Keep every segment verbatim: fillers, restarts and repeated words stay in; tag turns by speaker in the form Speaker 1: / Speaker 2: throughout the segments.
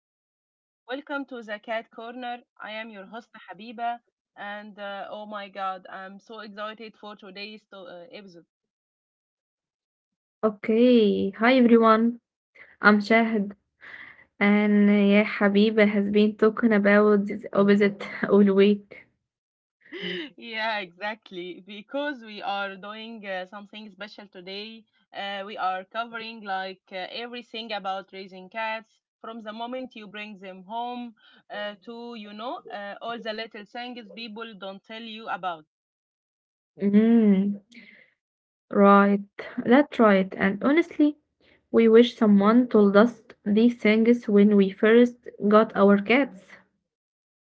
Speaker 1: everyone. Welcome to the Cat Corner. I am your host, Habiba, and uh, oh my God, I'm so excited for today's to- uh, episode.
Speaker 2: Okay. Hi everyone. I'm Shahid and yeah Habiba has been talking about this opposite all week.
Speaker 1: yeah, exactly. Because we are doing uh, something special today. Uh, we are covering like uh, everything about raising cats, from the moment you bring them home uh, to you know uh, all the little things people don't tell you about.
Speaker 2: Mm, right. That's right. And honestly, we wish someone told us these things when we first got our cats.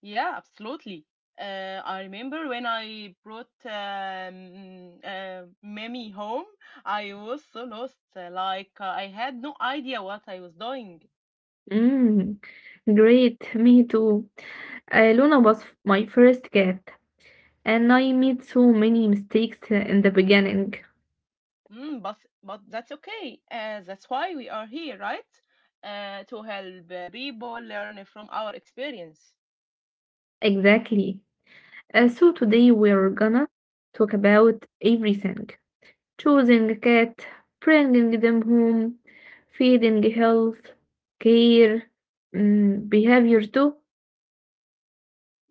Speaker 1: Yeah, absolutely. Uh, I remember when I brought um, uh, Mimi home, I was so lost. uh, Like uh, I had no idea what I was doing.
Speaker 2: Mm, Great, me too. Uh, Luna was f- my first cat, and I made so many mistakes uh, in the beginning.
Speaker 1: Mm, but but that's okay. Uh, that's why we are here, right? Uh, to help uh, people learn from our experience.
Speaker 2: Exactly. Uh, so today we're gonna talk about everything. Choosing a cat, bringing them home, feeding health, care, mm, behavior too.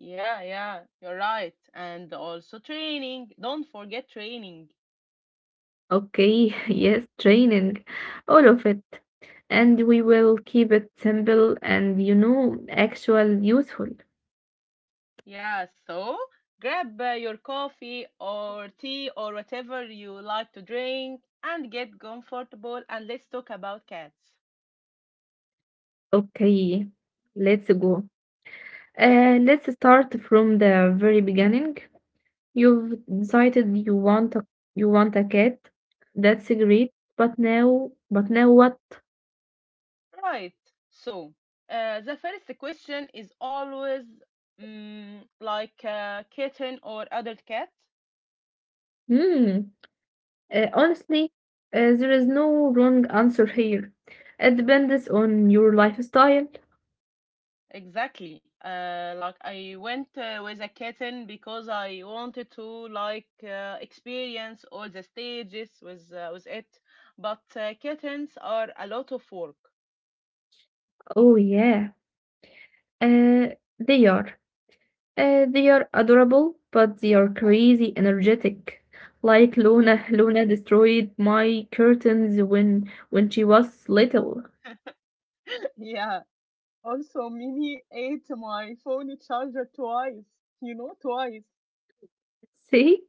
Speaker 1: Yeah, yeah, you're right. And also training. Don't forget training.
Speaker 2: Okay, yes, training, all of it. And we will keep it simple and you know, actual useful.
Speaker 1: Yeah, so grab uh, your coffee or tea or whatever you like to drink and get comfortable, and let's talk about cats.
Speaker 2: Okay, let's go. Uh, let's start from the very beginning. You've decided you want a you want a cat. That's great. But now, but now what?
Speaker 1: Right. So, uh, the first question is always mm, like a kitten or adult cat.
Speaker 2: Hmm. Uh, honestly, uh, there is no wrong answer here. It depends on your lifestyle.
Speaker 1: Exactly. Uh, like I went uh, with a kitten because I wanted to like uh, experience all the stages with uh, with it, but uh, kittens are a lot of work.
Speaker 2: Oh yeah. Uh, they are. Uh, they are adorable, but they are crazy energetic. Like
Speaker 1: Yeah.
Speaker 2: Luna, Luna destroyed my curtains when when she was little.
Speaker 1: Yeah. Also, Mimi ate my phone charger twice. You know, twice.
Speaker 2: See?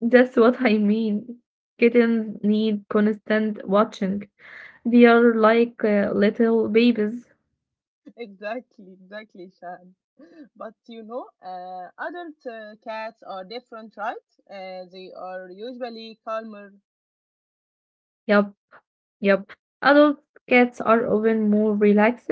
Speaker 2: That's what I mean. Kittens need constant watching. They are like uh, little babies.
Speaker 1: Exactly, exactly, Shad. But you know, uh, adult uh, cats are different, right? Uh, they are usually calmer.
Speaker 2: Yup, yup. Adult cats are often more relaxed.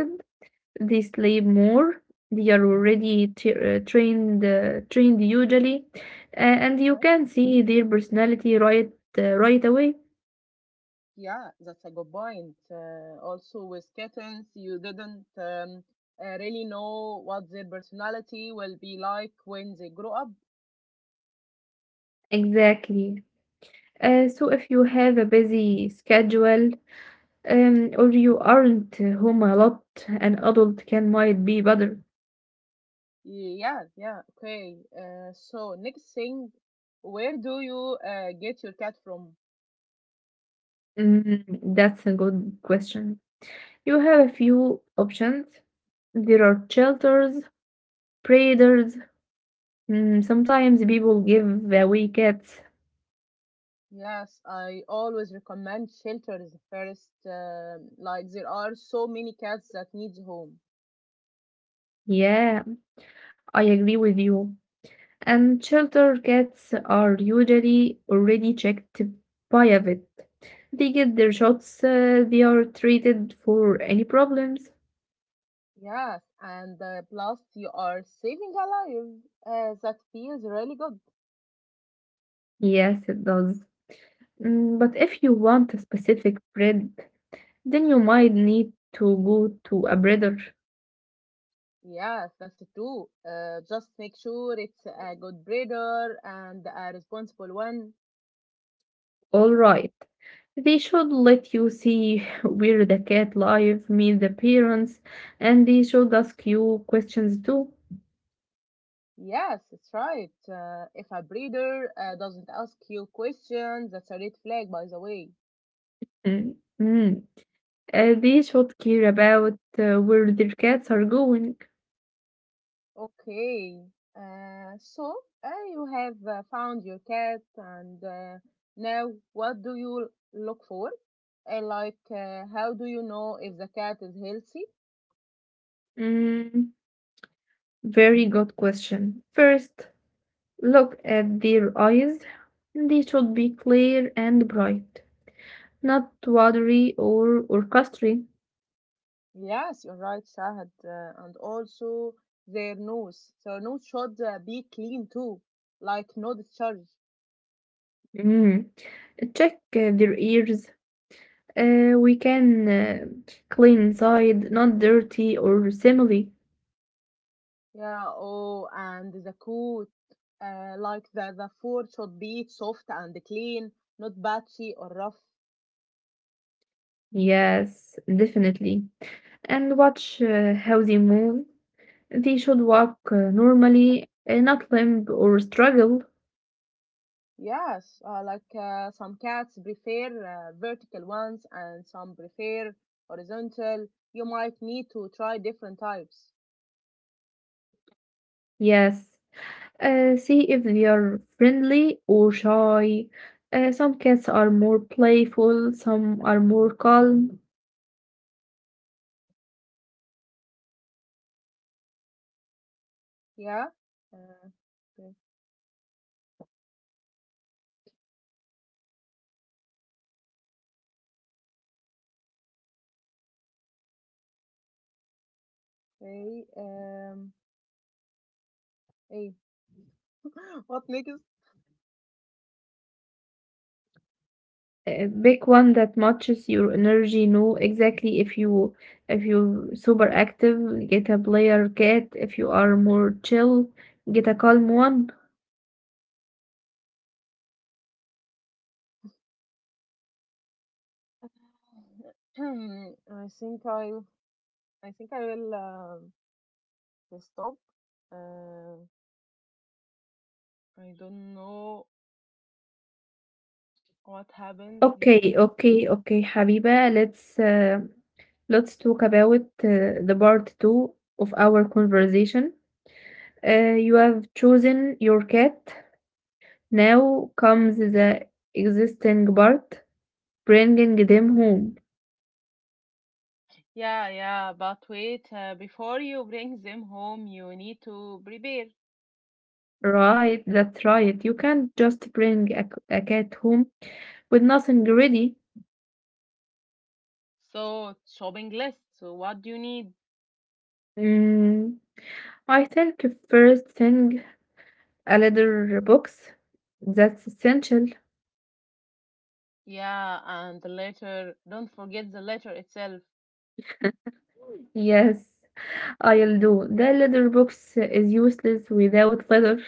Speaker 2: They sleep more. They are already tra- uh, trained, uh, trained usually, uh, and you
Speaker 1: Yeah,
Speaker 2: can see their personality right, uh, right away.
Speaker 1: yeah, that's a good point. Uh, also, with kittens, you didn't um, uh, really know what their personality will be like when they grow up.
Speaker 2: Exactly. Uh, so if you have a busy schedule, um, or you aren't home a lot, an adult can might be better?
Speaker 1: Yeah, yeah, okay. Uh, so next thing, where do you uh, get your cat from?
Speaker 2: Mm, that's a good question. You have a few options. There are shelters, predators. Mm, sometimes people give away cats.
Speaker 1: Yes, I always recommend shelters first. Um, like there are so many cats that need home.
Speaker 2: Yeah, I agree with you. And shelter cats are usually already checked by a vet. They get their shots, uh, they are treated for any problems.
Speaker 1: Yes, and uh, plus you are saving a life. Uh, that feels really good.
Speaker 2: Yes, it does. Mm, but if you want a specific bread, then you might need to go to a breeder.
Speaker 1: Yes, that's true. Uh, just make sure it's a good breeder and a responsible one.
Speaker 2: All right. They should let you see where the cat live, meet the parents, and they should ask you questions too.
Speaker 1: Yes, it's right. Uh, if a breeder uh, doesn't ask you questions, that's a red flag, by the way.
Speaker 2: Mm, mm. Uh, they should care about uh, where their cats are going.
Speaker 1: Okay. Uh, so uh, you have uh, found your cat, and uh, now what do you look for? Uh, like, uh, how do you know if the cat is healthy?
Speaker 2: Mm, very good question. First, look at their eyes. They should be clear and bright, not watery or orchestry.
Speaker 1: Yes, you're right, Shahad. Uh, and also their nose. Their nose should uh, be clean too, like no discharge.
Speaker 2: Mm. Check uh, their ears. Uh, we can uh, Clean inside, not dirty or smelly.
Speaker 1: Yeah, oh, and the coat, uh, like the, the fur should be soft and clean, not patchy or rough.
Speaker 2: Yes, definitely. And watch uh, how they move. They should walk uh, normally, uh, not limp or struggle.
Speaker 1: Yes, uh, like uh, some cats prefer uh, vertical ones and some prefer horizontal. You might need to try different types.
Speaker 2: Yes. Uh, see if they are friendly or shy. Uh, some cats are more playful, some are more calm.
Speaker 1: Yeah. Uh, okay. Um. Hey, what next?
Speaker 2: Uh, pick one that matches your energy. Know exactly if you if you're super active, get a player cat. If you are more chill, get a calm one.
Speaker 1: I think I I think I will um stop. Uh, I don't know what happens
Speaker 2: Okay,
Speaker 1: here.
Speaker 2: okay, okay, Habiba. Let's uh, let's talk about uh, the part two of our conversation. Uh, you have chosen your cat. Now comes the existing part, bringing them home.
Speaker 1: Yeah, yeah, but wait, uh, before you bring them home, you need to prepare.
Speaker 2: Right, that's right. You can't just bring a, c- a cat home with nothing ready.
Speaker 1: So, shopping list. So, what do you need?
Speaker 2: Mm, I think first thing, a leather box. That's essential.
Speaker 1: Yeah, and the letter. Don't forget the letter itself.
Speaker 2: Yes, I'll do. The leather box is useless without leather.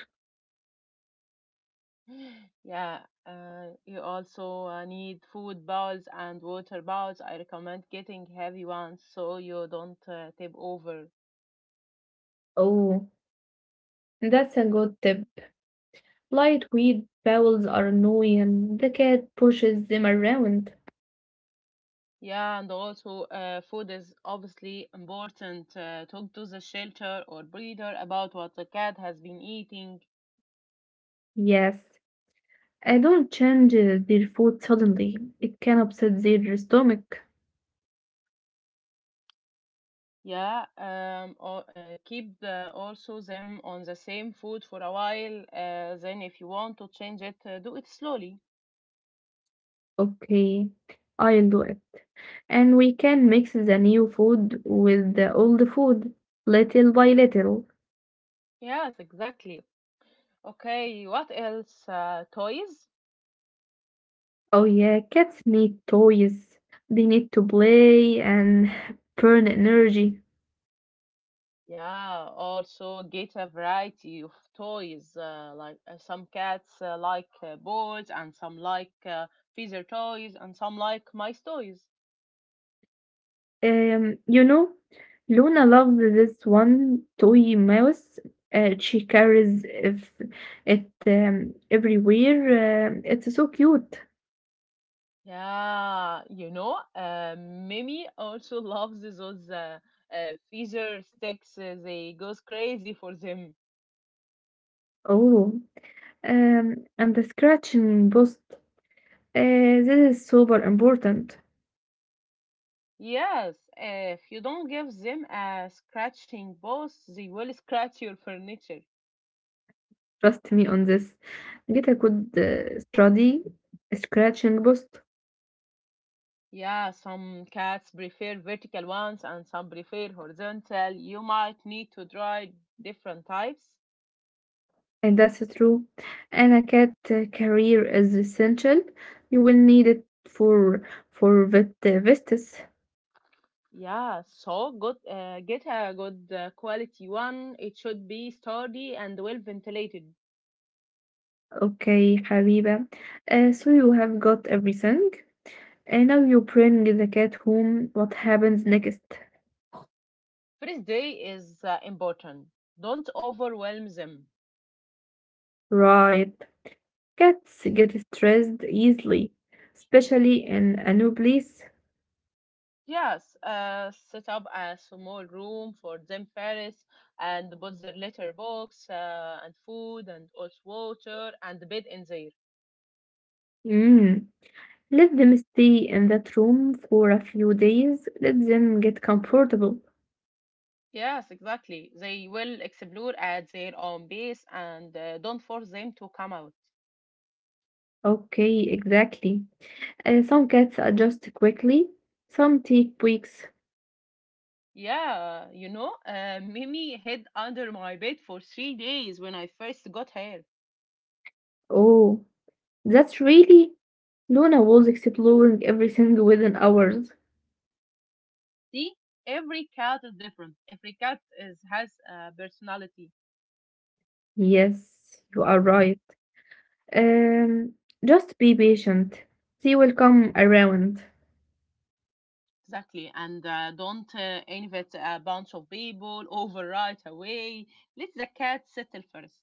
Speaker 1: Yeah, uh, you also uh, need food bowls and water bowls. I recommend getting heavy ones so you don't uh, tip over.
Speaker 2: Oh, that's a good tip. Lightweight bowels are annoying. The cat pushes them around.
Speaker 1: Yeah, and also uh, food is obviously important. Uh, talk to the shelter or breeder about what the cat has been eating.
Speaker 2: Yes, I don't change uh, their food suddenly. It can upset their stomach.
Speaker 1: Yeah, um, or uh, keep the, also them on the same food for a while. Uh, then, if you want to change it, uh, do it slowly.
Speaker 2: Okay, I'll do it. And we can mix the new food with the old food, little by little.
Speaker 1: Yes, exactly. Okay, what else? Uh, toys?
Speaker 2: Oh yeah, cats need toys. They need to play and burn energy.
Speaker 1: Yeah, also get a variety of toys. Uh, like uh, some cats uh, like uh, balls, and some like uh, feather toys, and some like mice toys.
Speaker 2: Um, you know, Luna loves this one toy mouse. Uh, she carries if it um, everywhere. Um it's so cute.
Speaker 1: Yeah, you know, uh, Mimi also loves those uh, uh, feather sticks. uh, They goes crazy for them.
Speaker 2: Oh, um, and the scratching post. Uh, this is super important.
Speaker 1: Yes, uh, if you don't give them a scratching boss, they will scratch your furniture.
Speaker 2: Trust me on this. Gita could uh, study scratching post,
Speaker 1: Yeah, some cats prefer vertical ones and some prefer horizontal. You might need to try different types.
Speaker 2: and that's true. And a cat uh, career is essential. You will need it for for vet uh, vistas.
Speaker 1: Yeah, so good. Uh, get a good uh, quality one. It should be sturdy and well ventilated.
Speaker 2: Okay, Habiba. Uh, so you have got everything, and now you bring the cat home. What happens next?
Speaker 1: First day is uh, important. Don't overwhelm them.
Speaker 2: Right. Cats get stressed easily, especially in a new place.
Speaker 1: Yes, uh, set up a small room for them first, and put their litter box uh, and food and also water and the bed in there.
Speaker 2: Mm. Let them stay in that room for a few days. Let them get comfortable.
Speaker 1: Yes, exactly. They will explore at their own pace, and uh, don't force them to come out.
Speaker 2: Okay, exactly. Uh, some cats adjust quickly, some take weeks.
Speaker 1: Yeah, you know, uh, Mimi hid under my bed for three days when I first got her.
Speaker 2: Oh, that's really. Luna was exploring everything within hours.
Speaker 1: See, every cat is different. Every cat is has a personality.
Speaker 2: Yes, you are right. Um, just be patient. They will come around.
Speaker 1: Exactly, and uh, don't uh, invite a bunch of people over right away. Let the cat settle first.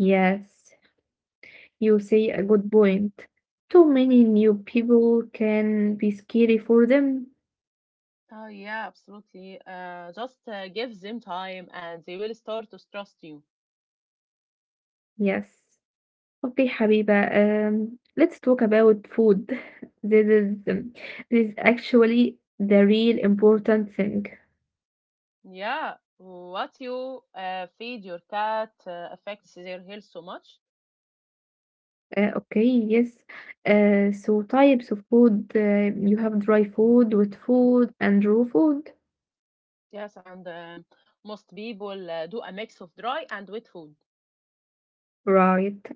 Speaker 2: Yes, you say a good point. Too many new people can be scary for them.
Speaker 1: Oh yeah, absolutely. Uh, just uh, give them time, and they will start to trust you.
Speaker 2: Yes. Okay, Habiba, um, let's talk about food. This is um, this is actually the real important thing.
Speaker 1: Yeah, what you uh, feed your cat uh, affects their health so much.
Speaker 2: Uh, okay, yes. Uh, so types of food, uh, you have dry food, wet food, and raw food.
Speaker 1: Yes, and um, most people uh, do a mix of dry and wet food.
Speaker 2: Right.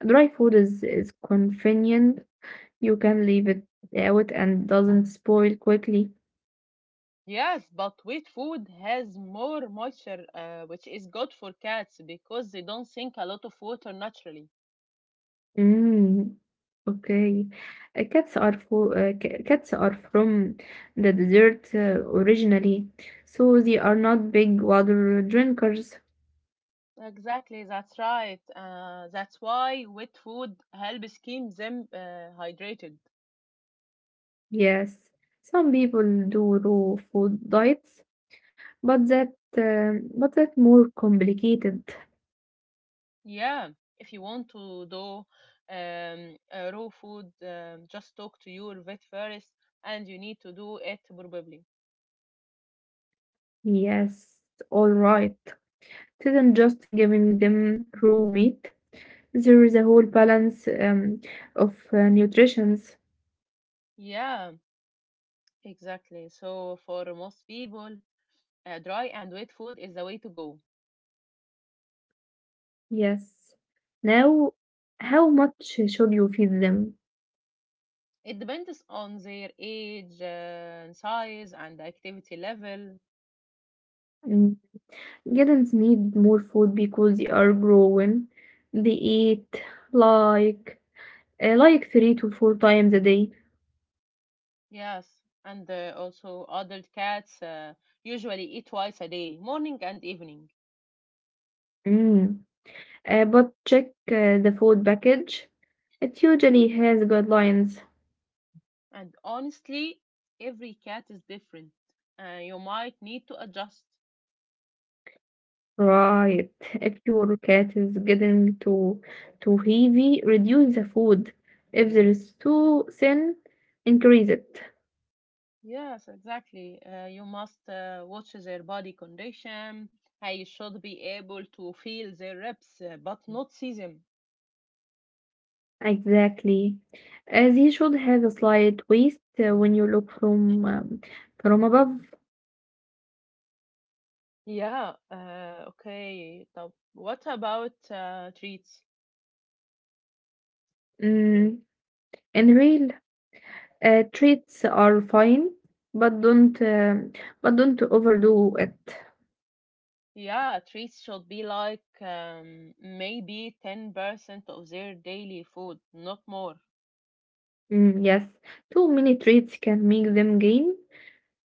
Speaker 2: Dry food is is convenient. You can leave it out and doesn't spoil quickly.
Speaker 1: Yes, but wet food has more moisture, uh, which is good for cats because they don't sink a lot of water naturally.
Speaker 2: Mm, okay. Uh, Cats are for uh, ca- cats are from the desert uh, originally, so they are not big water drinkers.
Speaker 1: Exactly, that's right. Uh, that's why wet food helps keep them uh, hydrated.
Speaker 2: Yes, some people do raw food diets, but that um but that more complicated.
Speaker 1: Yeah, if you want to do um, uh, raw food, um, just talk to your vet first, and you need to do it probably.
Speaker 2: Yes, all right. It isn't just giving them raw meat. There is a whole balance um, of uh, nutrition.
Speaker 1: Yeah, exactly. So for most people, uh, dry and wet food is the way to go.
Speaker 2: Yes. Now, how much should you feed them?
Speaker 1: It depends on their age, uh, size, and activity level.
Speaker 2: Mm, kittens need more food because they are growing. They eat like uh, like three to four times a day.
Speaker 1: Yes, and uh, also adult cats uh, usually eat twice a day, morning and evening.
Speaker 2: Mm. Uh, but check uh, the food package. It usually has guidelines.
Speaker 1: And honestly, every cat is different. Uh, you might need to adjust.
Speaker 2: Right. If your cat is getting too too heavy, reduce the food. If there is too thin, increase it.
Speaker 1: Yes, exactly. Uh, you must uh, watch their body condition. I should be able to feel their reps, uh, but not see them.
Speaker 2: Exactly. As you should have a slight waist uh, when you look from um, from above.
Speaker 1: Yeah, uh, okay. So what about uh, treats?
Speaker 2: Mm, and real uh, Treats are fine, but don't um but don't overdo it.
Speaker 1: Yeah, treats should be like um, maybe ten percent of their daily food, not more.
Speaker 2: Mm, yes, too many treats can make them gain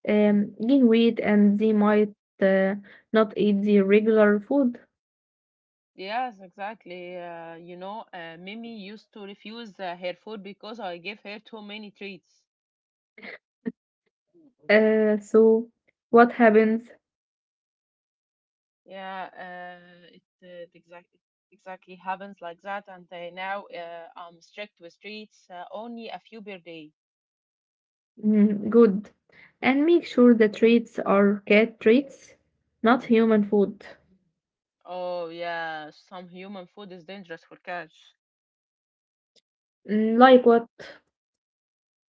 Speaker 2: um, gain weight, and they might uh, not eat the regular food.
Speaker 1: Yes, exactly. Uh, you know, uh, Mimi used to refuse uh, her food because I gave her too many treats.
Speaker 2: Uh, so what happens?
Speaker 1: Yeah, uh, it, uh, it exact it exactly happens like that. And uh, now uh, I'm strict with treats, uh, only a few per day.
Speaker 2: Mm, good. And make sure the treats are cat treats, not human food.
Speaker 1: Oh yeah, some human food is dangerous for cats,
Speaker 2: Mm, like what?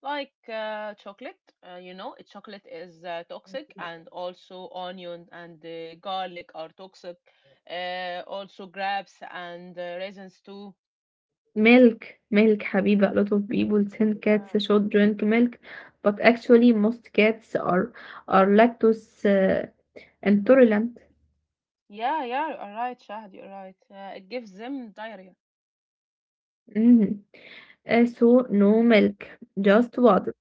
Speaker 1: like uh, chocolate. Uh, you know, chocolate is uh, toxic, and also onion and uh, garlic are toxic. Uh, also grapes and uh, raisins too.
Speaker 2: Milk, milk, Habiba. A lot of people think cats
Speaker 1: Yeah,
Speaker 2: should drink milk, but actually most cats are are lactose uh, intolerant.
Speaker 1: yeah, yeah, you're right, Shahd, you're right. Uh, it gives them diarrhea.
Speaker 2: Mm. Uh, so no milk, just water.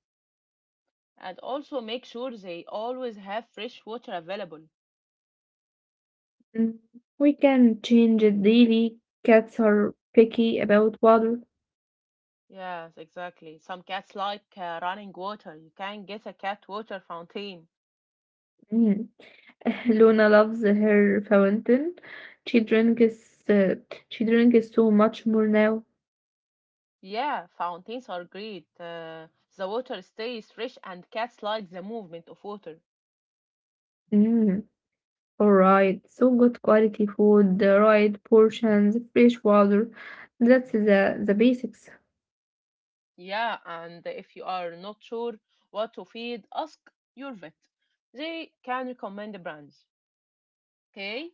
Speaker 1: And also make sure they always have fresh water available.
Speaker 2: Mm, we can change it daily. Cats are picky about water.
Speaker 1: Yes, exactly. Some cats like uh, running water. You can get a cat water fountain.
Speaker 2: Mm. Luna loves her fountain. She drinks uh, she drinks so much more now.
Speaker 1: Yeah, fountains are great. Uh, the water stays fresh and cats like the movement of water.
Speaker 2: Mm, all right. So good quality food, the right portions, fresh water. That's the the basics.
Speaker 1: Yeah, and if you are not sure what to feed, ask your vet. They can recommend brands. Okay?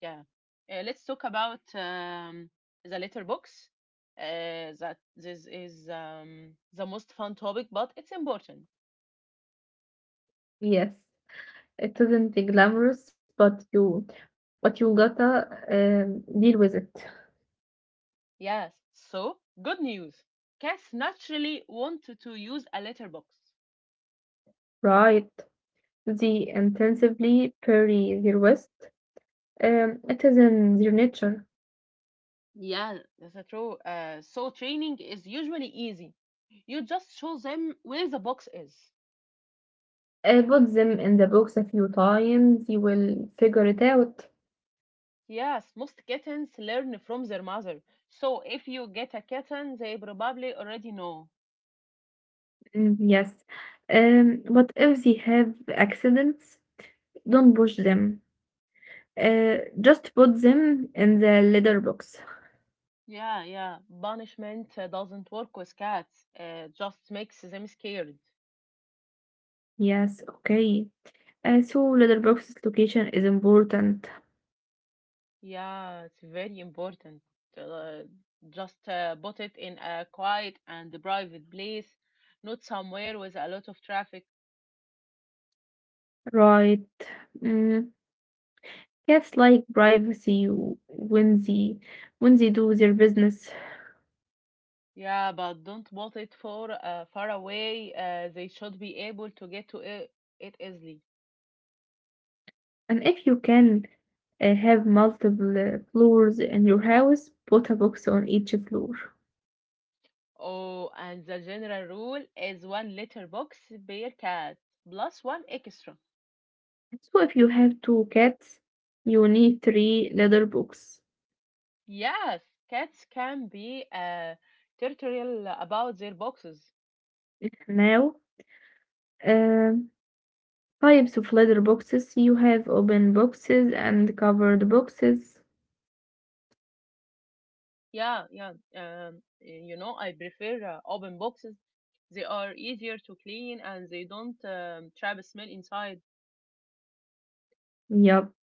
Speaker 1: Yeah. Uh, let's talk about um, the letterbox. Uh, that this is um, the most fun topic, but it's important.
Speaker 2: Yes. It isn't glamorous, but you but you gotta um, deal with it.
Speaker 1: Yes. So, good news. Cats naturally wanted to use a letterbox.
Speaker 2: Right. They intensively bury their waste. Um, it is in their nature.
Speaker 1: Yeah, that's true. Uh, so, training is usually easy. You just show them where the box is.
Speaker 2: Uh, put them in the box a few times, you will figure it out.
Speaker 1: Yes, most kittens learn from their mother. So, if you get a kitten, they probably already know.
Speaker 2: Mm, yes. Um, but if they have accidents, don't push them. Uh, just put them in the litter box.
Speaker 1: Yeah, yeah. Punishment uh, doesn't work with cats. Uh, just makes them scared.
Speaker 2: Yes, okay. Uh, so litter box's location is important,
Speaker 1: Yeah, it's very important. Uh, just uh, put it in a quiet and private place, not somewhere with a lot of traffic.
Speaker 2: right? Mm, cats like privacy when they when they do their business.
Speaker 1: Yeah, but don't put it for uh, far away. Uh, they should be able to get to it, it easily.
Speaker 2: And if you can uh, have multiple uh, floors in your house, put a box on each floor.
Speaker 1: Oh, and the general rule is one litter box per cat plus one extra.
Speaker 2: So if you have two cats, you need three leather boxes.
Speaker 1: Yes, cats can be uh, territorial about their boxes.
Speaker 2: Now, um types of leather boxes you have open boxes and covered boxes.
Speaker 1: Yeah, yeah. Um, you know, I prefer uh, open boxes. They are easier to clean and they don't um, trap smell inside.
Speaker 2: Yep.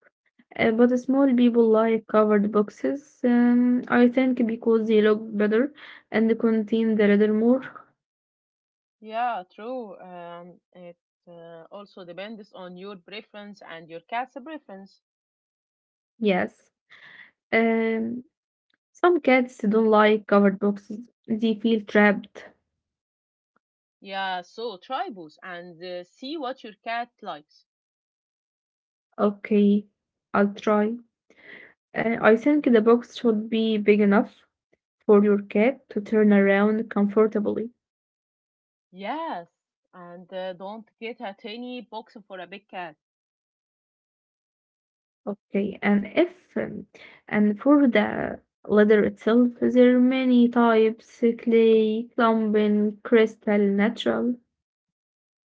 Speaker 2: Uh, but small people like covered boxes, um, I think because they look better and contain the leather more.
Speaker 1: Yeah, true. Um, it uh, also depends on your preference and your cat's preference.
Speaker 2: Yes. Um, some cats don't like covered boxes. They feel trapped.
Speaker 1: Yeah, so try both and uh, see what your cat likes.
Speaker 2: Okay, I'll try. Uh, I think
Speaker 1: Mm.
Speaker 2: the box should be big enough for your cat to turn around comfortably.
Speaker 1: Yes, and uh, don't get a tiny box for a big cat.
Speaker 2: Okay, and if um, and for the leather itself, there are many types: clay, clumping, crystal, natural.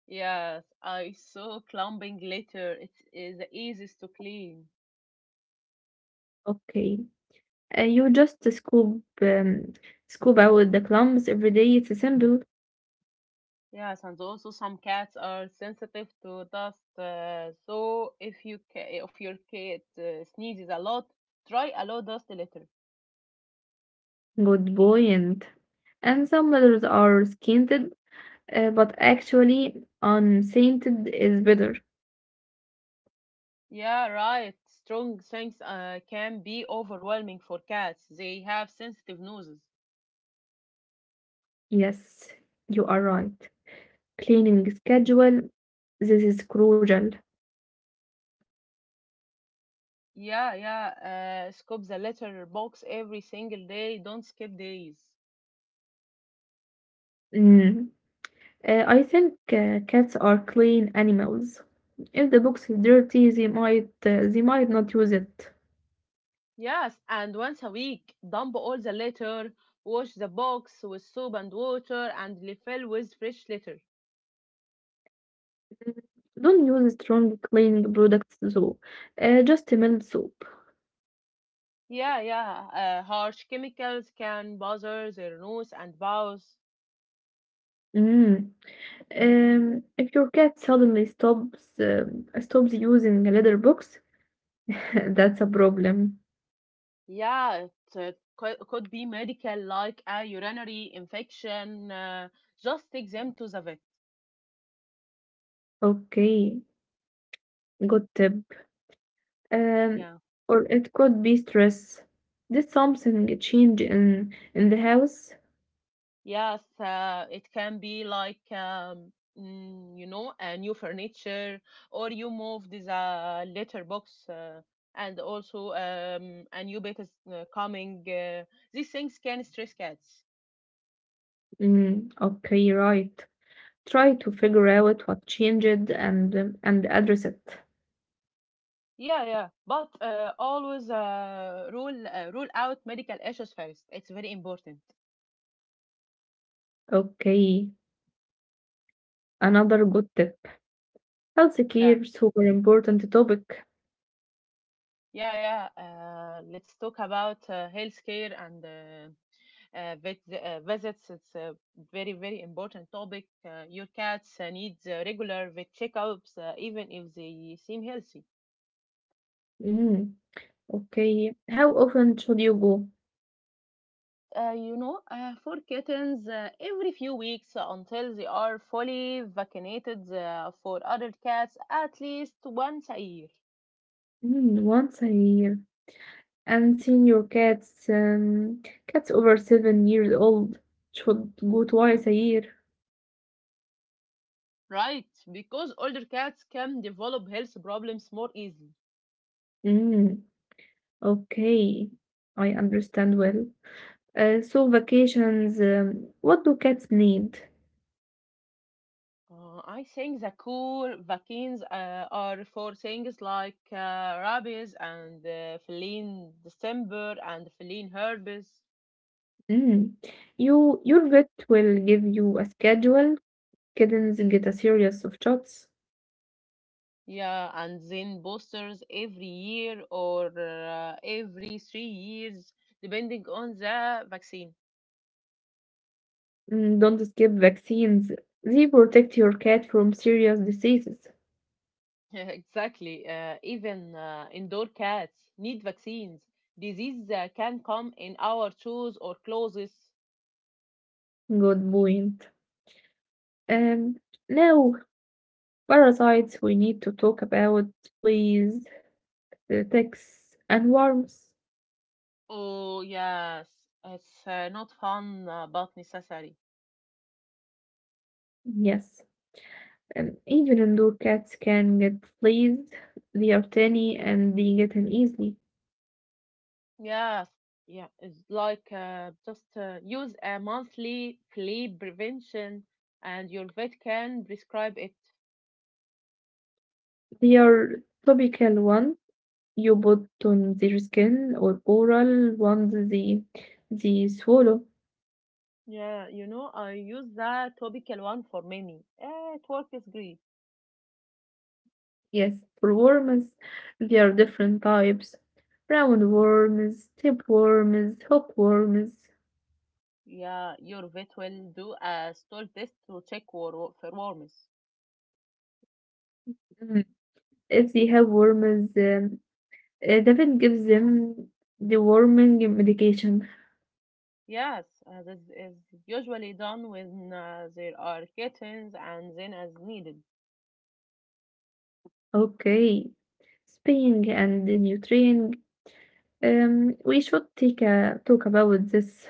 Speaker 1: Yes, I saw clumping litter. It is the easiest to clean.
Speaker 2: Okay, uh, you just scoop um, scoop out the clumps every day. It's simple.
Speaker 1: Yes, and also some cats are sensitive to dust. Uh, so if you ca- if your cat uh, sneezes a lot, try a low dust litter.
Speaker 2: Good buoyant. And some letters are scented, uh, but actually, unscented is better.
Speaker 1: Yeah, right. Strong scents uh, can be overwhelming for cats. They have sensitive noses.
Speaker 2: Yes, you are right. Cleaning schedule. This is crucial.
Speaker 1: Yeah, yeah. Uh, scoop the litter box every single day. Don't skip days.
Speaker 2: Mm. Uh, I think uh, cats are clean animals. If the box is dirty, they might uh, they might not use it.
Speaker 1: Yes, and once a week, dump all the litter, wash the box with soap and water, and refill with fresh litter.
Speaker 2: Mm, don't use strong cleaning products though. Uh, just mild soap.
Speaker 1: Yeah, yeah. Uh, harsh chemicals can bother their nose and bowels.
Speaker 2: Mm. Um, if your cat suddenly stops um, stops using a litter box, that's a problem.
Speaker 1: Yeah, it uh, could, could be medical, like a urinary infection. Uh, just take them to the vet.
Speaker 2: Okay, good tip. Um,
Speaker 1: Yeah.
Speaker 2: or it could be stress. Did something change in in the house?
Speaker 1: Yes, uh, it can be like um, mm, you know, a new furniture, or you move this uh, letterbox, uh, and also um, a new bed is uh, coming. Uh, these things can stress cats.
Speaker 2: Mm, okay, right. Try to figure out what changed and um, and address it.
Speaker 1: Yeah, yeah, but uh, always uh, rule uh, rule out medical issues first. It's very important.
Speaker 2: Okay, another good tip. Health
Speaker 1: Yeah,
Speaker 2: care, super important topic.
Speaker 1: yeah, yeah. Uh, let's talk about uh, healthcare and uh, uh, vet uh, visits. It's a very, very important topic. Uh, your cats uh, need uh, regular vet checkups, uh, even if they seem healthy.
Speaker 2: Mm, okay, how often should you go?
Speaker 1: Uh, you know, uh, for kittens, uh, every few weeks until they are fully vaccinated uh, for adult cats at least once a year.
Speaker 2: Mm, once a year. And senior cats, um, cats over seven years old should go twice a year.
Speaker 1: Right, because older cats can develop health problems more easily.
Speaker 2: Mm, okay, I understand well. Uh, so vacations, um, what do cats need?
Speaker 1: Uh, I think the cool vaccines uh, are for things like uh, rabies and uh, feline distemper and feline herpes.
Speaker 2: Mm, you, your vet will give you a schedule. Kittens get a series of shots.
Speaker 1: Yeah, and then boosters every year or uh, every three years, depending on the vaccine.
Speaker 2: Mm, don't skip vaccines. They protect your cat from serious diseases.
Speaker 1: Exactly. Uh, even uh, indoor cats need vaccines. Disease uh, can come in our shoes or clothes.
Speaker 2: Good point. Um, now Parasites we need to talk about, please. The ticks and worms.
Speaker 1: Oh, yes. It's uh, not fun, uh, but necessary.
Speaker 2: Yes, and even indoor cats can get fleas. They are tiny and they get in easily.
Speaker 1: Yes, yeah, it's like uh, just uh, use a monthly flea prevention and your vet can prescribe it.
Speaker 2: They are topical one you put on their skin or oral ones they they swallow.
Speaker 1: Yeah, you know, I use the topical one for many. Eh, It works great.
Speaker 2: Yes, for worms, there are different types. Round worms, tapeworms, hookworms.
Speaker 1: Yeah, your vet will do a stool test to check wor- for worms.
Speaker 2: Mm, if they have worms, um, Uh, David gives them deworming medication.
Speaker 1: Yes, uh, this is usually done when uh, there are kittens and then as needed.
Speaker 2: Okay, spaying and neutering. Um, we should take a talk about this.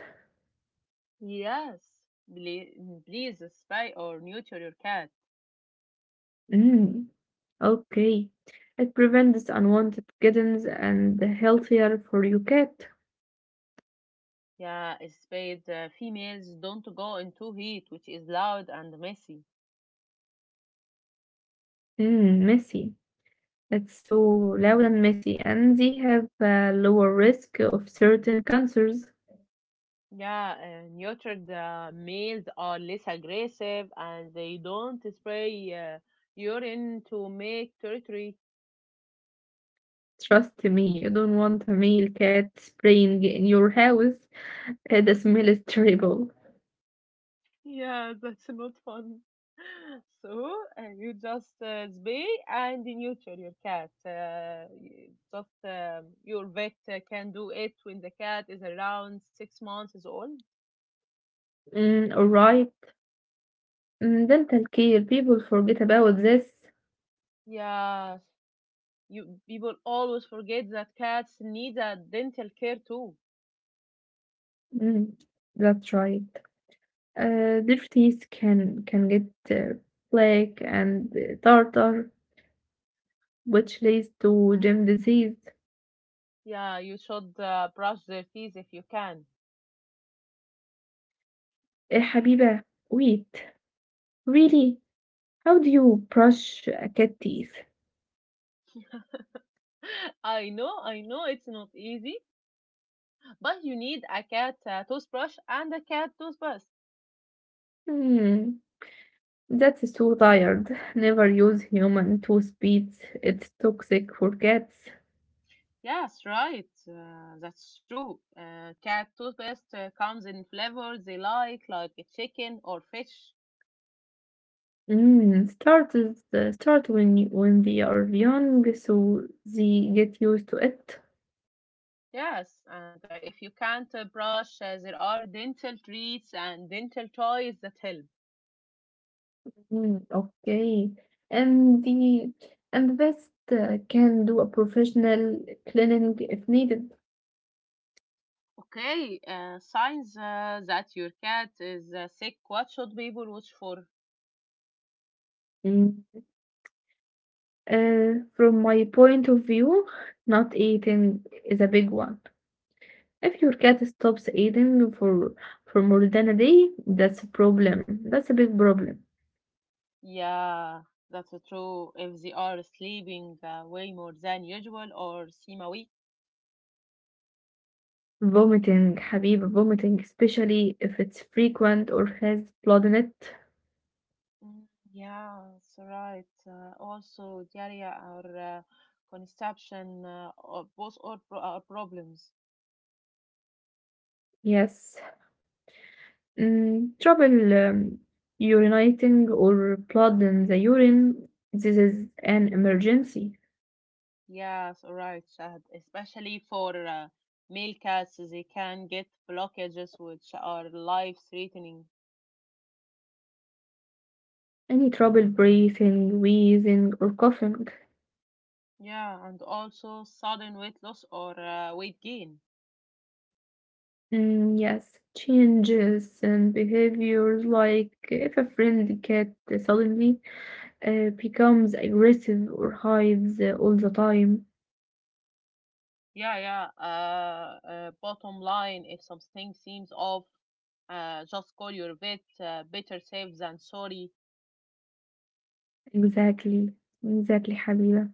Speaker 1: Yes, please, please spay or neuter your cat.
Speaker 2: Mm, okay, it prevents unwanted kittens and healthier for your cat.
Speaker 1: Yeah, spade uh, females don't go into heat, which is loud and messy.
Speaker 2: Mm, messy. It's so loud and messy, and they have a lower risk of certain cancers.
Speaker 1: Yeah, uh, neutered uh, males are less aggressive and they don't spray uh, urine to make territory.
Speaker 2: Trust me, you don't want a male cat spraying in your house. Uh, The smell is terrible.
Speaker 1: Yeah, that's not fun. So uh, you just uh, spay and neuter your cat. Uh, y- just um, your vet uh, can do it when the cat is around six months is old.
Speaker 2: Mm, alright. Mm, dental care. People forget about this.
Speaker 1: Yeah, you people always forget that cats need a dental care too.
Speaker 2: Mm, that's right. Uh, their teeth can can get uh, black and uh, tartar, which leads to gum disease.
Speaker 1: Yeah, you should uh, brush their teeth if you can.
Speaker 2: Eh, Habiba, wait. Really? How do you brush a cat teeth?
Speaker 1: I know, I know it's not easy, but you need a cat uh, toothbrush and a cat toothpaste.
Speaker 2: Hmm, that's so tired. Never use human toothpaste. It's toxic for cats.
Speaker 1: Yes, right. Uh, that's true. Uh, cat toothpaste uh, comes in flavors they like, like chicken or fish.
Speaker 2: Mm, start is uh, start when you, when they are young, so they get used to it.
Speaker 1: Yes, and uh, if you can't uh, brush, uh, there are dental treats and dental toys that help.
Speaker 2: Mm, okay, and the and the best uh, can do a professional cleaning if needed.
Speaker 1: Okay, uh, signs uh, that your cat is uh, sick. What should people watch for?
Speaker 2: Mm, uh, from my point of view, not eating is a big one. If your cat stops eating for for more than a day, that's a problem. That's a big problem.
Speaker 1: Yeah, that's uh, true. If they are sleeping uh, way more than usual or seem weak.
Speaker 2: Vomiting, حبيبي, vomiting, especially if it's frequent or has blood in it.
Speaker 1: Mm, yeah, that's right. Uh, also, diarrhea or uh, constipation, uh, or both are, pro- are problems.
Speaker 2: Yes. Mm, trouble um, urinating or blood in the urine. This is an emergency.
Speaker 1: Yes, right, Shahad. Especially for uh, male cats, they can get blockages which are life-threatening.
Speaker 2: Any trouble breathing, wheezing, or coughing.
Speaker 1: Yeah, and also sudden weight loss or uh, weight gain.
Speaker 2: Mm, yes. Changes in behaviors like if a friend cat suddenly uh, becomes aggressive or hides uh, all the time.
Speaker 1: Yeah, yeah. Uh, uh, bottom line, if something seems off, uh, just call your vet. Uh, better safe than sorry.
Speaker 2: Exactly. Exactly, حبيبة.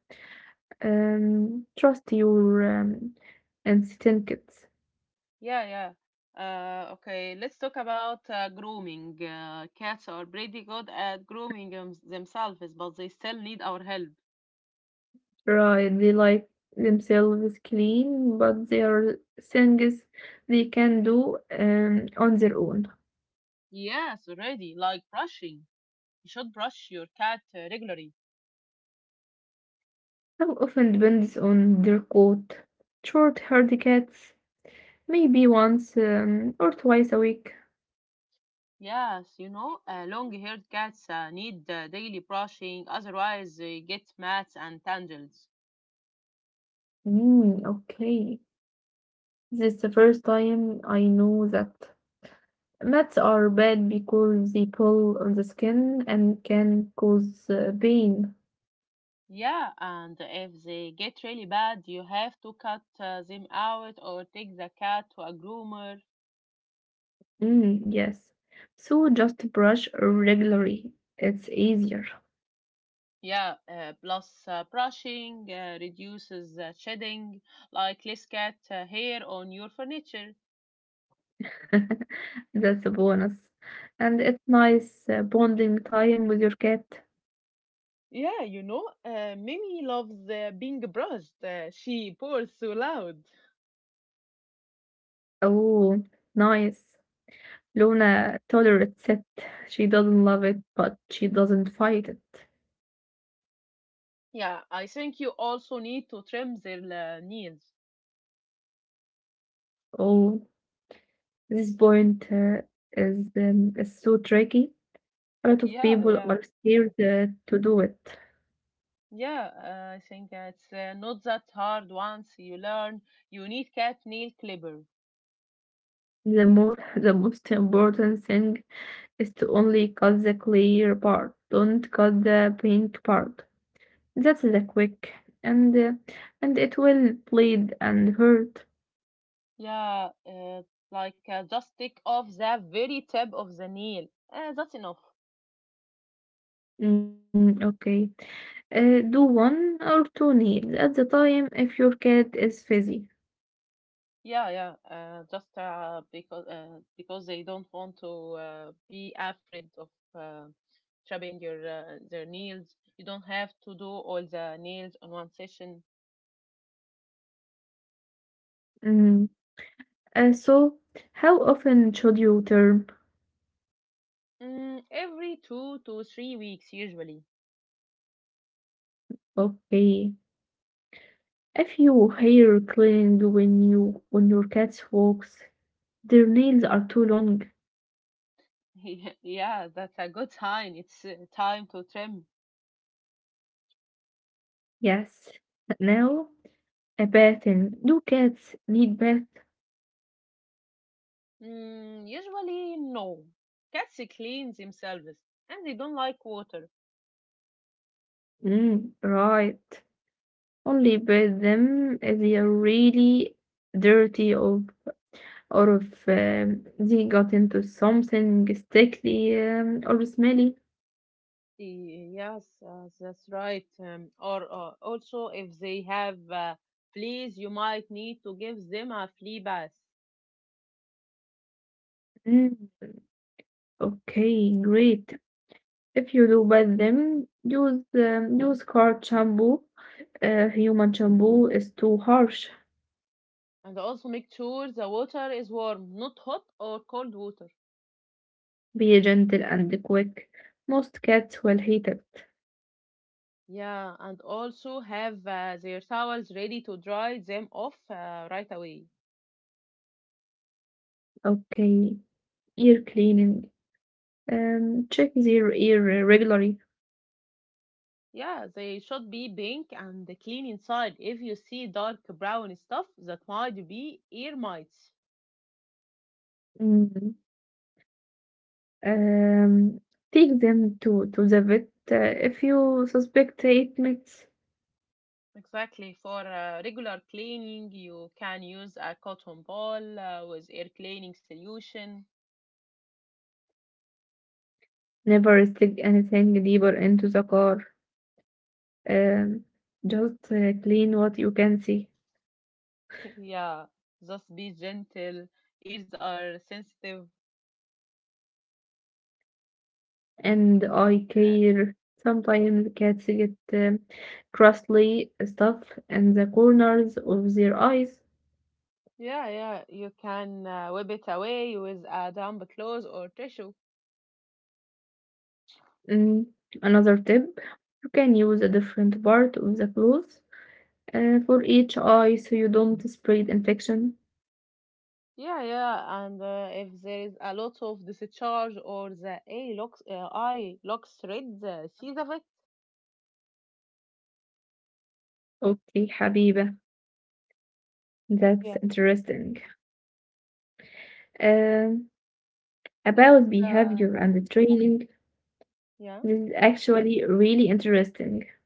Speaker 2: Um, trust your um, instincts.
Speaker 1: Yeah, yeah. Uh, okay, let's talk about uh, grooming. Uh, cats are pretty good at grooming them- themselves, but they still need our help.
Speaker 2: Right, they like themselves clean, but there are things they can do um, on their own.
Speaker 1: Yes, already, like brushing. You should brush your cat uh, regularly.
Speaker 2: How often depends on their coat. Short haired cats, maybe once um, or twice a week.
Speaker 1: Yes, you know, uh, long-haired cats uh, need uh, daily brushing, otherwise they get mats and tangles.
Speaker 2: Mm, okay, this is the first time I know that. Mats are bad because they pull on the skin and can cause uh, pain.
Speaker 1: Yeah, and if they get really bad, you have to cut uh, them out or take the cat to a groomer.
Speaker 2: Mm, yes. So just brush regularly. It's easier.
Speaker 1: Yeah, uh, plus uh, brushing uh, reduces uh, shedding, like less cat uh, hair on your furniture.
Speaker 2: That's a bonus. And it's nice uh, bonding time with your cat.
Speaker 1: Yeah, you know, uh, Mimi loves uh, being brushed. Uh, she purrs so loud.
Speaker 2: Oh, nice. Luna tolerates it. She doesn't love it, but she doesn't fight it.
Speaker 1: Yeah, I think you also need to trim their uh, nails.
Speaker 2: Oh, this point uh, is um, is so tricky. A lot of
Speaker 1: Yeah,
Speaker 2: people
Speaker 1: yeah.
Speaker 2: are scared
Speaker 1: Mhm.
Speaker 2: uh, to do it.
Speaker 1: Yeah, uh, I think it's uh, not that hard once you learn. You need cat nail clipper.
Speaker 2: The more, the most important thing is to only cut the clear part, don't cut the pink part. That's the quick, and uh, and it will bleed and hurt.
Speaker 1: Yeah, uh, like uh, just take off the very tip of the nail. Uh, that's enough.
Speaker 2: Mm, okay, uh, do one or two nails at the time if your cat is fuzzy.
Speaker 1: Yeah, yeah. Uh, just uh, because uh, because they don't want to uh, be afraid of uh, trimming your uh, their nails. You don't have to do all the nails on one session.
Speaker 2: Mm, uh, so, how often should you turn?
Speaker 1: Mm, every two to three weeks, usually.
Speaker 2: Okay, if you hair cleaned when you when your cat walks, their nails are too long.
Speaker 1: Yeah, that's a good sign. It's uh, time to trim.
Speaker 2: Yes. Now a bathing. Do cats need bath?
Speaker 1: Mm, usually, no. Cats clean themselves and they don't like water.
Speaker 2: Mm, right. Only bathe them if they are really dirty or or if um, they got into something sticky um, or smelly.
Speaker 1: Y- Yes, uh, that's right. Um, or uh, also, if they have uh, fleas, you might need to give them a flea bath.
Speaker 2: Mm, okay, great. If you do bathe them, use um, use car shampoo. Uh, human shampoo is too harsh.
Speaker 1: And also make sure the water is warm, not hot or cold water.
Speaker 2: Be gentle and quick. Most cats will hate it.
Speaker 1: Yeah, and also have uh, their towels ready to dry them off uh, right away.
Speaker 2: Okay, ear cleaning. Um, check their ear regularly.
Speaker 1: Yeah, they should be pink and clean inside. If you see dark brown stuff, that might be ear mites.
Speaker 2: Mm, Um, Take them to, to the vet uh, if you suspect treatments.
Speaker 1: Exactly. For uh, regular cleaning, you can use a cotton ball uh, with air cleaning solution.
Speaker 2: Never stick anything deeper into the car. Um, just uh, Clean what you can see.
Speaker 1: Yeah, just be gentle. Ears are sensitive.
Speaker 2: And eye care. Sometimes cats get um, crustly stuff in the corners of their eyes.
Speaker 1: Yeah, yeah, you can uh, wipe it away with a damp cloth or tissue.
Speaker 2: Mm, another tip, you can use a different part of the clothes آآ for each eye, so you don't spread infection.
Speaker 1: Yeah, yeah, and uh, if there is a lot of discharge or the A locks, uh, I locks red, uh, see the vet.
Speaker 2: Okay Habiba, that's
Speaker 1: Yeah,
Speaker 2: interesting. Um,
Speaker 1: that's
Speaker 2: about
Speaker 1: uh,
Speaker 2: behavior and training,
Speaker 1: yeah,
Speaker 2: this is actually really interesting.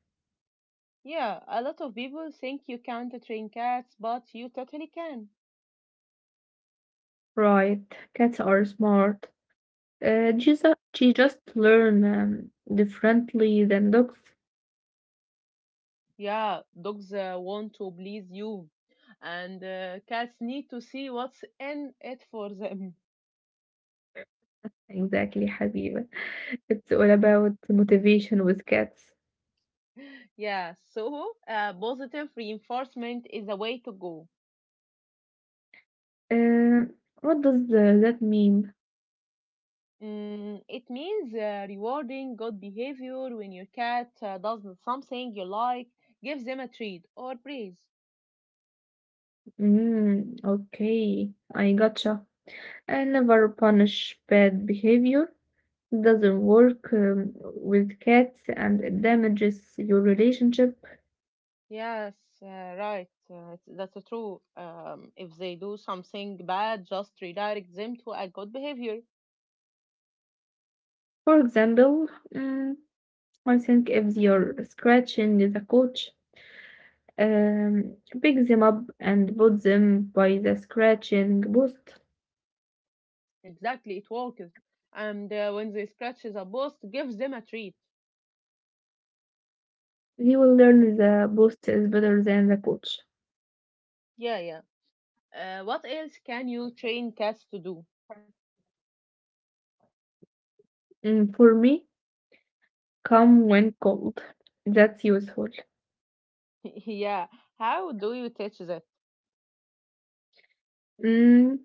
Speaker 1: yeah. A lot of people think you can't train cats, but you totally can.
Speaker 2: Right, cats are smart. Uh, she's she just learn um, differently than dogs.
Speaker 1: Yeah, dogs uh, want to please you, and uh, cats need to see what's in it for them.
Speaker 2: Exactly Habiba. It's all about motivation with cats.
Speaker 1: Yeah, so uh, positive reinforcement is the way to go.
Speaker 2: Uh, what does uh, that mean?
Speaker 1: Mm, it means uh, rewarding good behavior when your cat uh, does something you like, give them a treat or praise.
Speaker 2: Mm, okay, I gotcha. I never punish bad behavior. It doesn't work um, with cats and it damages your relationship.
Speaker 1: Yes, uh, right. Uh, it's- that's true. Um, if they do something bad, just redirect them to a good behavior.
Speaker 2: For example, mm, I think if you're scratching the couch, um, pick them up and put them by the scratching post.
Speaker 1: Exactly, it works. And uh, when they scratch a post, give them a treat.
Speaker 2: You will learn the post is better than the couch.
Speaker 1: Yeah, yeah. Uh, what else can you train cats to do?
Speaker 2: Mm, for me, come when cold. That's useful.
Speaker 1: Yeah. How do you teach that?
Speaker 2: Mm,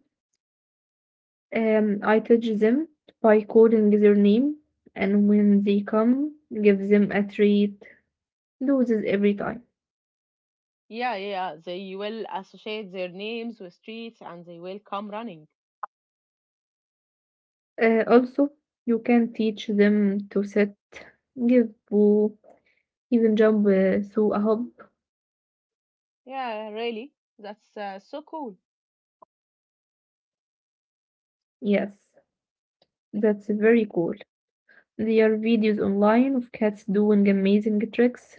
Speaker 2: Um, I teach them by calling their name, and when they come, give them a treat. Do this every time.
Speaker 1: Yeah, yeah, yeah. They will associate their names with streets and they will come running.
Speaker 2: Uh, also, you can teach them to sit, give boo, even jump uh, through a hoop.
Speaker 1: Yeah, really? That's uh, so cool.
Speaker 2: Yes, that's very cool. There are videos online of cats doing amazing tricks.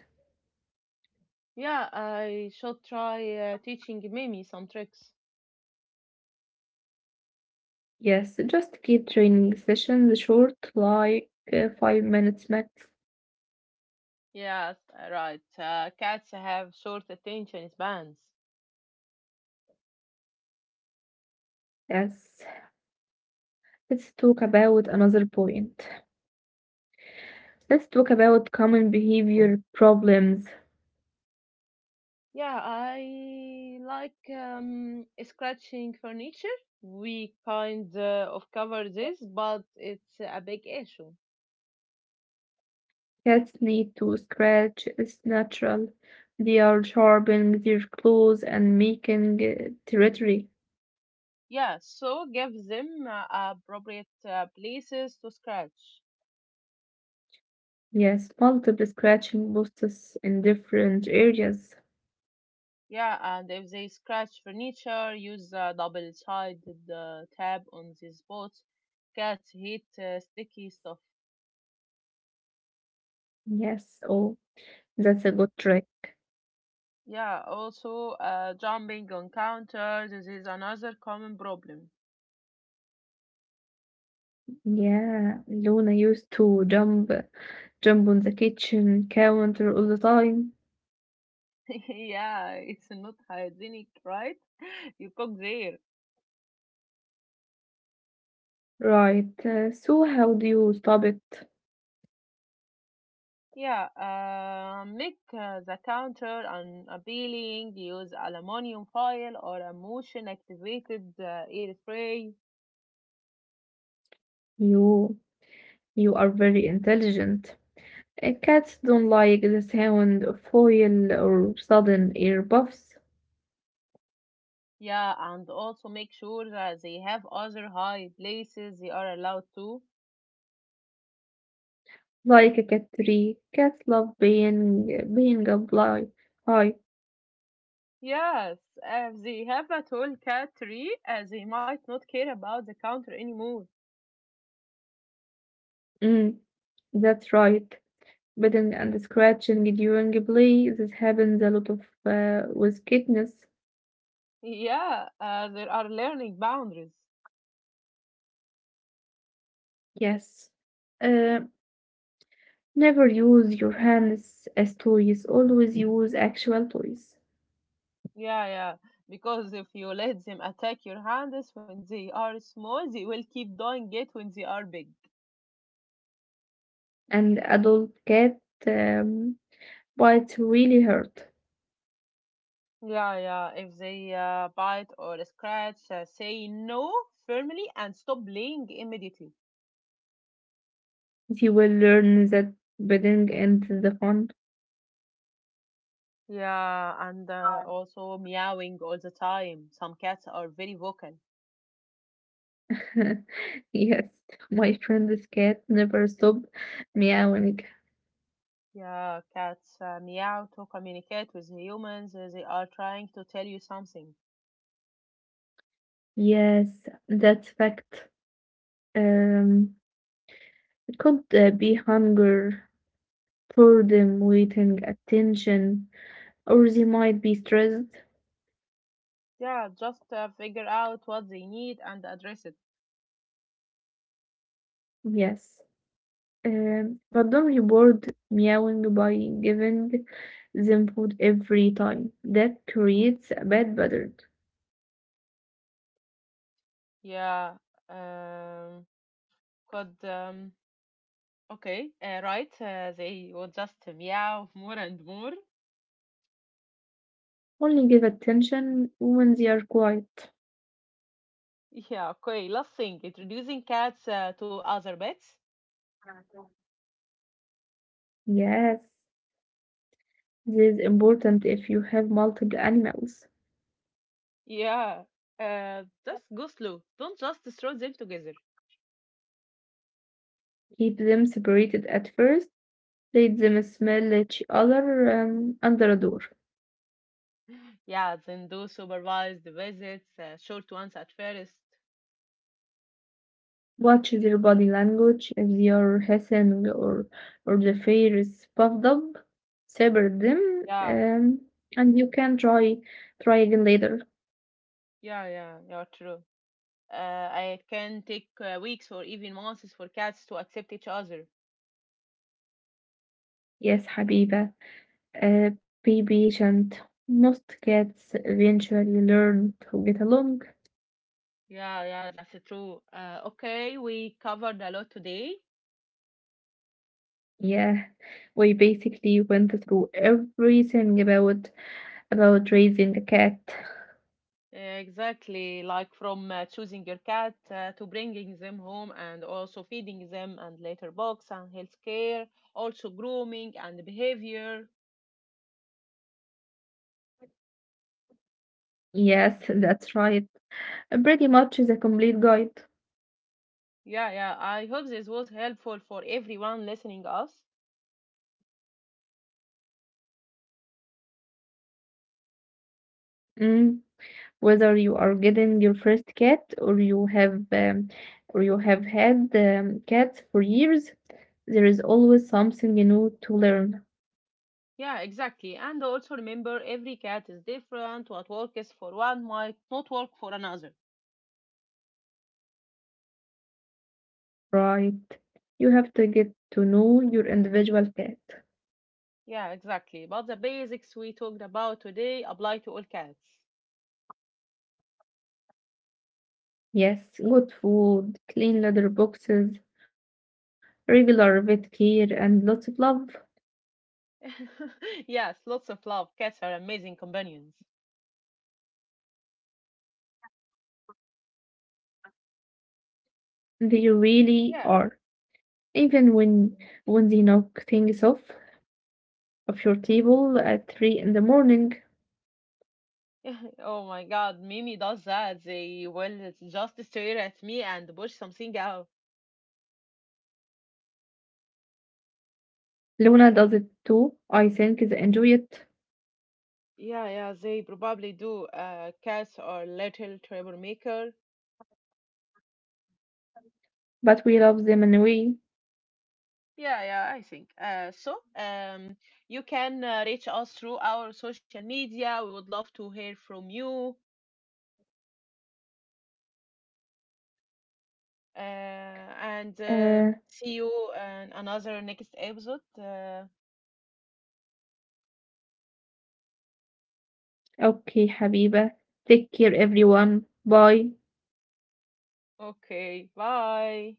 Speaker 1: Yeah, I should try uh, teaching Mimi some tricks.
Speaker 2: Yes, just keep training sessions short, like uh, five minutes max.
Speaker 1: Yes, right. Uh, cats have short attention spans.
Speaker 2: Yes, let's talk about another point. Let's talk about common behavior problems.
Speaker 1: Yeah, I like um, scratching furniture. We kind uh, of cover this, but it's a big issue.
Speaker 2: Cats need to scratch, it's natural. They are sharpening their claws and making uh, territory.
Speaker 1: Yeah, so give them uh, appropriate uh, places to scratch.
Speaker 2: Yes, multiple scratching posts in different areas.
Speaker 1: Yeah, and if they scratch furniture, use a double-sided uh, tab on these boats. Cats hate uh, sticky stuff.
Speaker 2: Yes, oh, that's a good trick.
Speaker 1: Yeah, also uh, jumping on counters this is another common problem.
Speaker 2: Yeah, Luna used to jump, jump on the kitchen counter all the time.
Speaker 1: Yeah, it's not hygienic, right? You cook there.
Speaker 2: Right, uh, so how do you stop it?
Speaker 1: Yeah, uh, make uh, the counter unappealing. Use aluminum foil or a motion-activated uh, air spray.
Speaker 2: You, you are very intelligent. Uh, Cats don't like the sound of foil or sudden air puffs.
Speaker 1: Yeah, and also make sure that they have other high places they are allowed to.
Speaker 2: Like a cat tree, cats love being being up li- high.
Speaker 1: Yes, if they have a tall cat tree, uh, they might not care about the counter anymore.
Speaker 2: Mm, that's right. Biting and scratching during play. This happens a lot of uh, with kittens.
Speaker 1: Yeah, uh, there are learning boundaries.
Speaker 2: Yes. Uh, never use your hands as toys. Always use actual toys.
Speaker 1: Yeah, yeah, because if you let them attack your hands when they are small, they will keep doing it when they are big.
Speaker 2: And adult cat um, bites really hurt.
Speaker 1: Yeah, yeah, if they uh, bite or scratch, uh, say no firmly and stop playing immediately.
Speaker 2: You will learn that bidding ends the fun.
Speaker 1: Yeah, and uh, also meowing all the time. Some cats are very vocal.
Speaker 2: Yes, my friend's cat never stopped meowing.
Speaker 1: Yeah, cats uh, meow to communicate with humans. uh, They are trying to tell you something.
Speaker 2: Yes, that's fact. Um, it could uh, be hunger, boredom, waiting, attention, or they might be stressed.
Speaker 1: Yeah, just uh, figure out what they need and address it.
Speaker 2: Yes, um, but don't reward meowing by giving them food every time. That creates a bad pattern.
Speaker 1: Yeah, um, could um, okay, uh, right? Uh, they will just meow more and more.
Speaker 2: Only give attention when they are quiet.
Speaker 1: Yeah, okay. Last thing, introducing cats uh, to other pets.
Speaker 2: Yes, this is important if you have multiple animals.
Speaker 1: Yeah, uh, just go slow. Don't just throw them together.
Speaker 2: Keep them separated at first, let them smell each other um, under a door.
Speaker 1: Yeah, then do supervised visits, uh, short ones at first.
Speaker 2: Watch their body language if they are hissing or, or the fear is puffed up. Separate them
Speaker 1: Yeah,
Speaker 2: um, and you can try try again later.
Speaker 1: yeah, yeah, you're true. Uh, it can take uh, weeks or even months for cats to accept each other.
Speaker 2: Yes, Habiba. Uh, be patient. Most cats eventually learn to get along.
Speaker 1: Yeah, yeah, that's true. Uh, okay, we covered a lot today.
Speaker 2: Yeah, we basically went through everything about about raising a cat.
Speaker 1: Uh, Exactly, like from uh, choosing your cat uh, to bringing them home and also feeding them and later box and health care, also grooming and behavior.
Speaker 2: Yes, that's right. Pretty much is a complete guide.
Speaker 1: Yeah, yeah, I hope this was helpful for everyone listening us.
Speaker 2: Mm. Whether you are getting your first cat or you have um, or you have had um, cats for years, there is always something new to learn.
Speaker 1: Yeah, exactly. And also remember, every cat is different. What works for one might not work for another.
Speaker 2: Right. You have to get to know your individual pet.
Speaker 1: Yeah, exactly. But the basics we talked about today apply to all cats.
Speaker 2: Yes, good food, clean litter boxes, regular vet care, and lots of love.
Speaker 1: Yes, lots of love. Cats are amazing companions.
Speaker 2: They really are.
Speaker 1: Yeah.
Speaker 2: Even when
Speaker 1: Yeah.
Speaker 2: when they knock things off of your table at three in the morning.
Speaker 1: Oh my God, Mimi does that. They will just stare at me and push something out.
Speaker 2: Luna does it too. I think they enjoy it,
Speaker 1: Yeah, yeah, they probably do. Uh, cats are little troublemaker.
Speaker 2: but we love them anyway.
Speaker 1: Yeah, yeah, I think. Uh, so, um, you can uh, reach us through our social media. We would love to hear from you. Uh, and uh,
Speaker 2: Uh,
Speaker 1: see you in another next episode. Uh,
Speaker 2: okay, Habiba. Take care, everyone. Bye.
Speaker 1: okay, bye.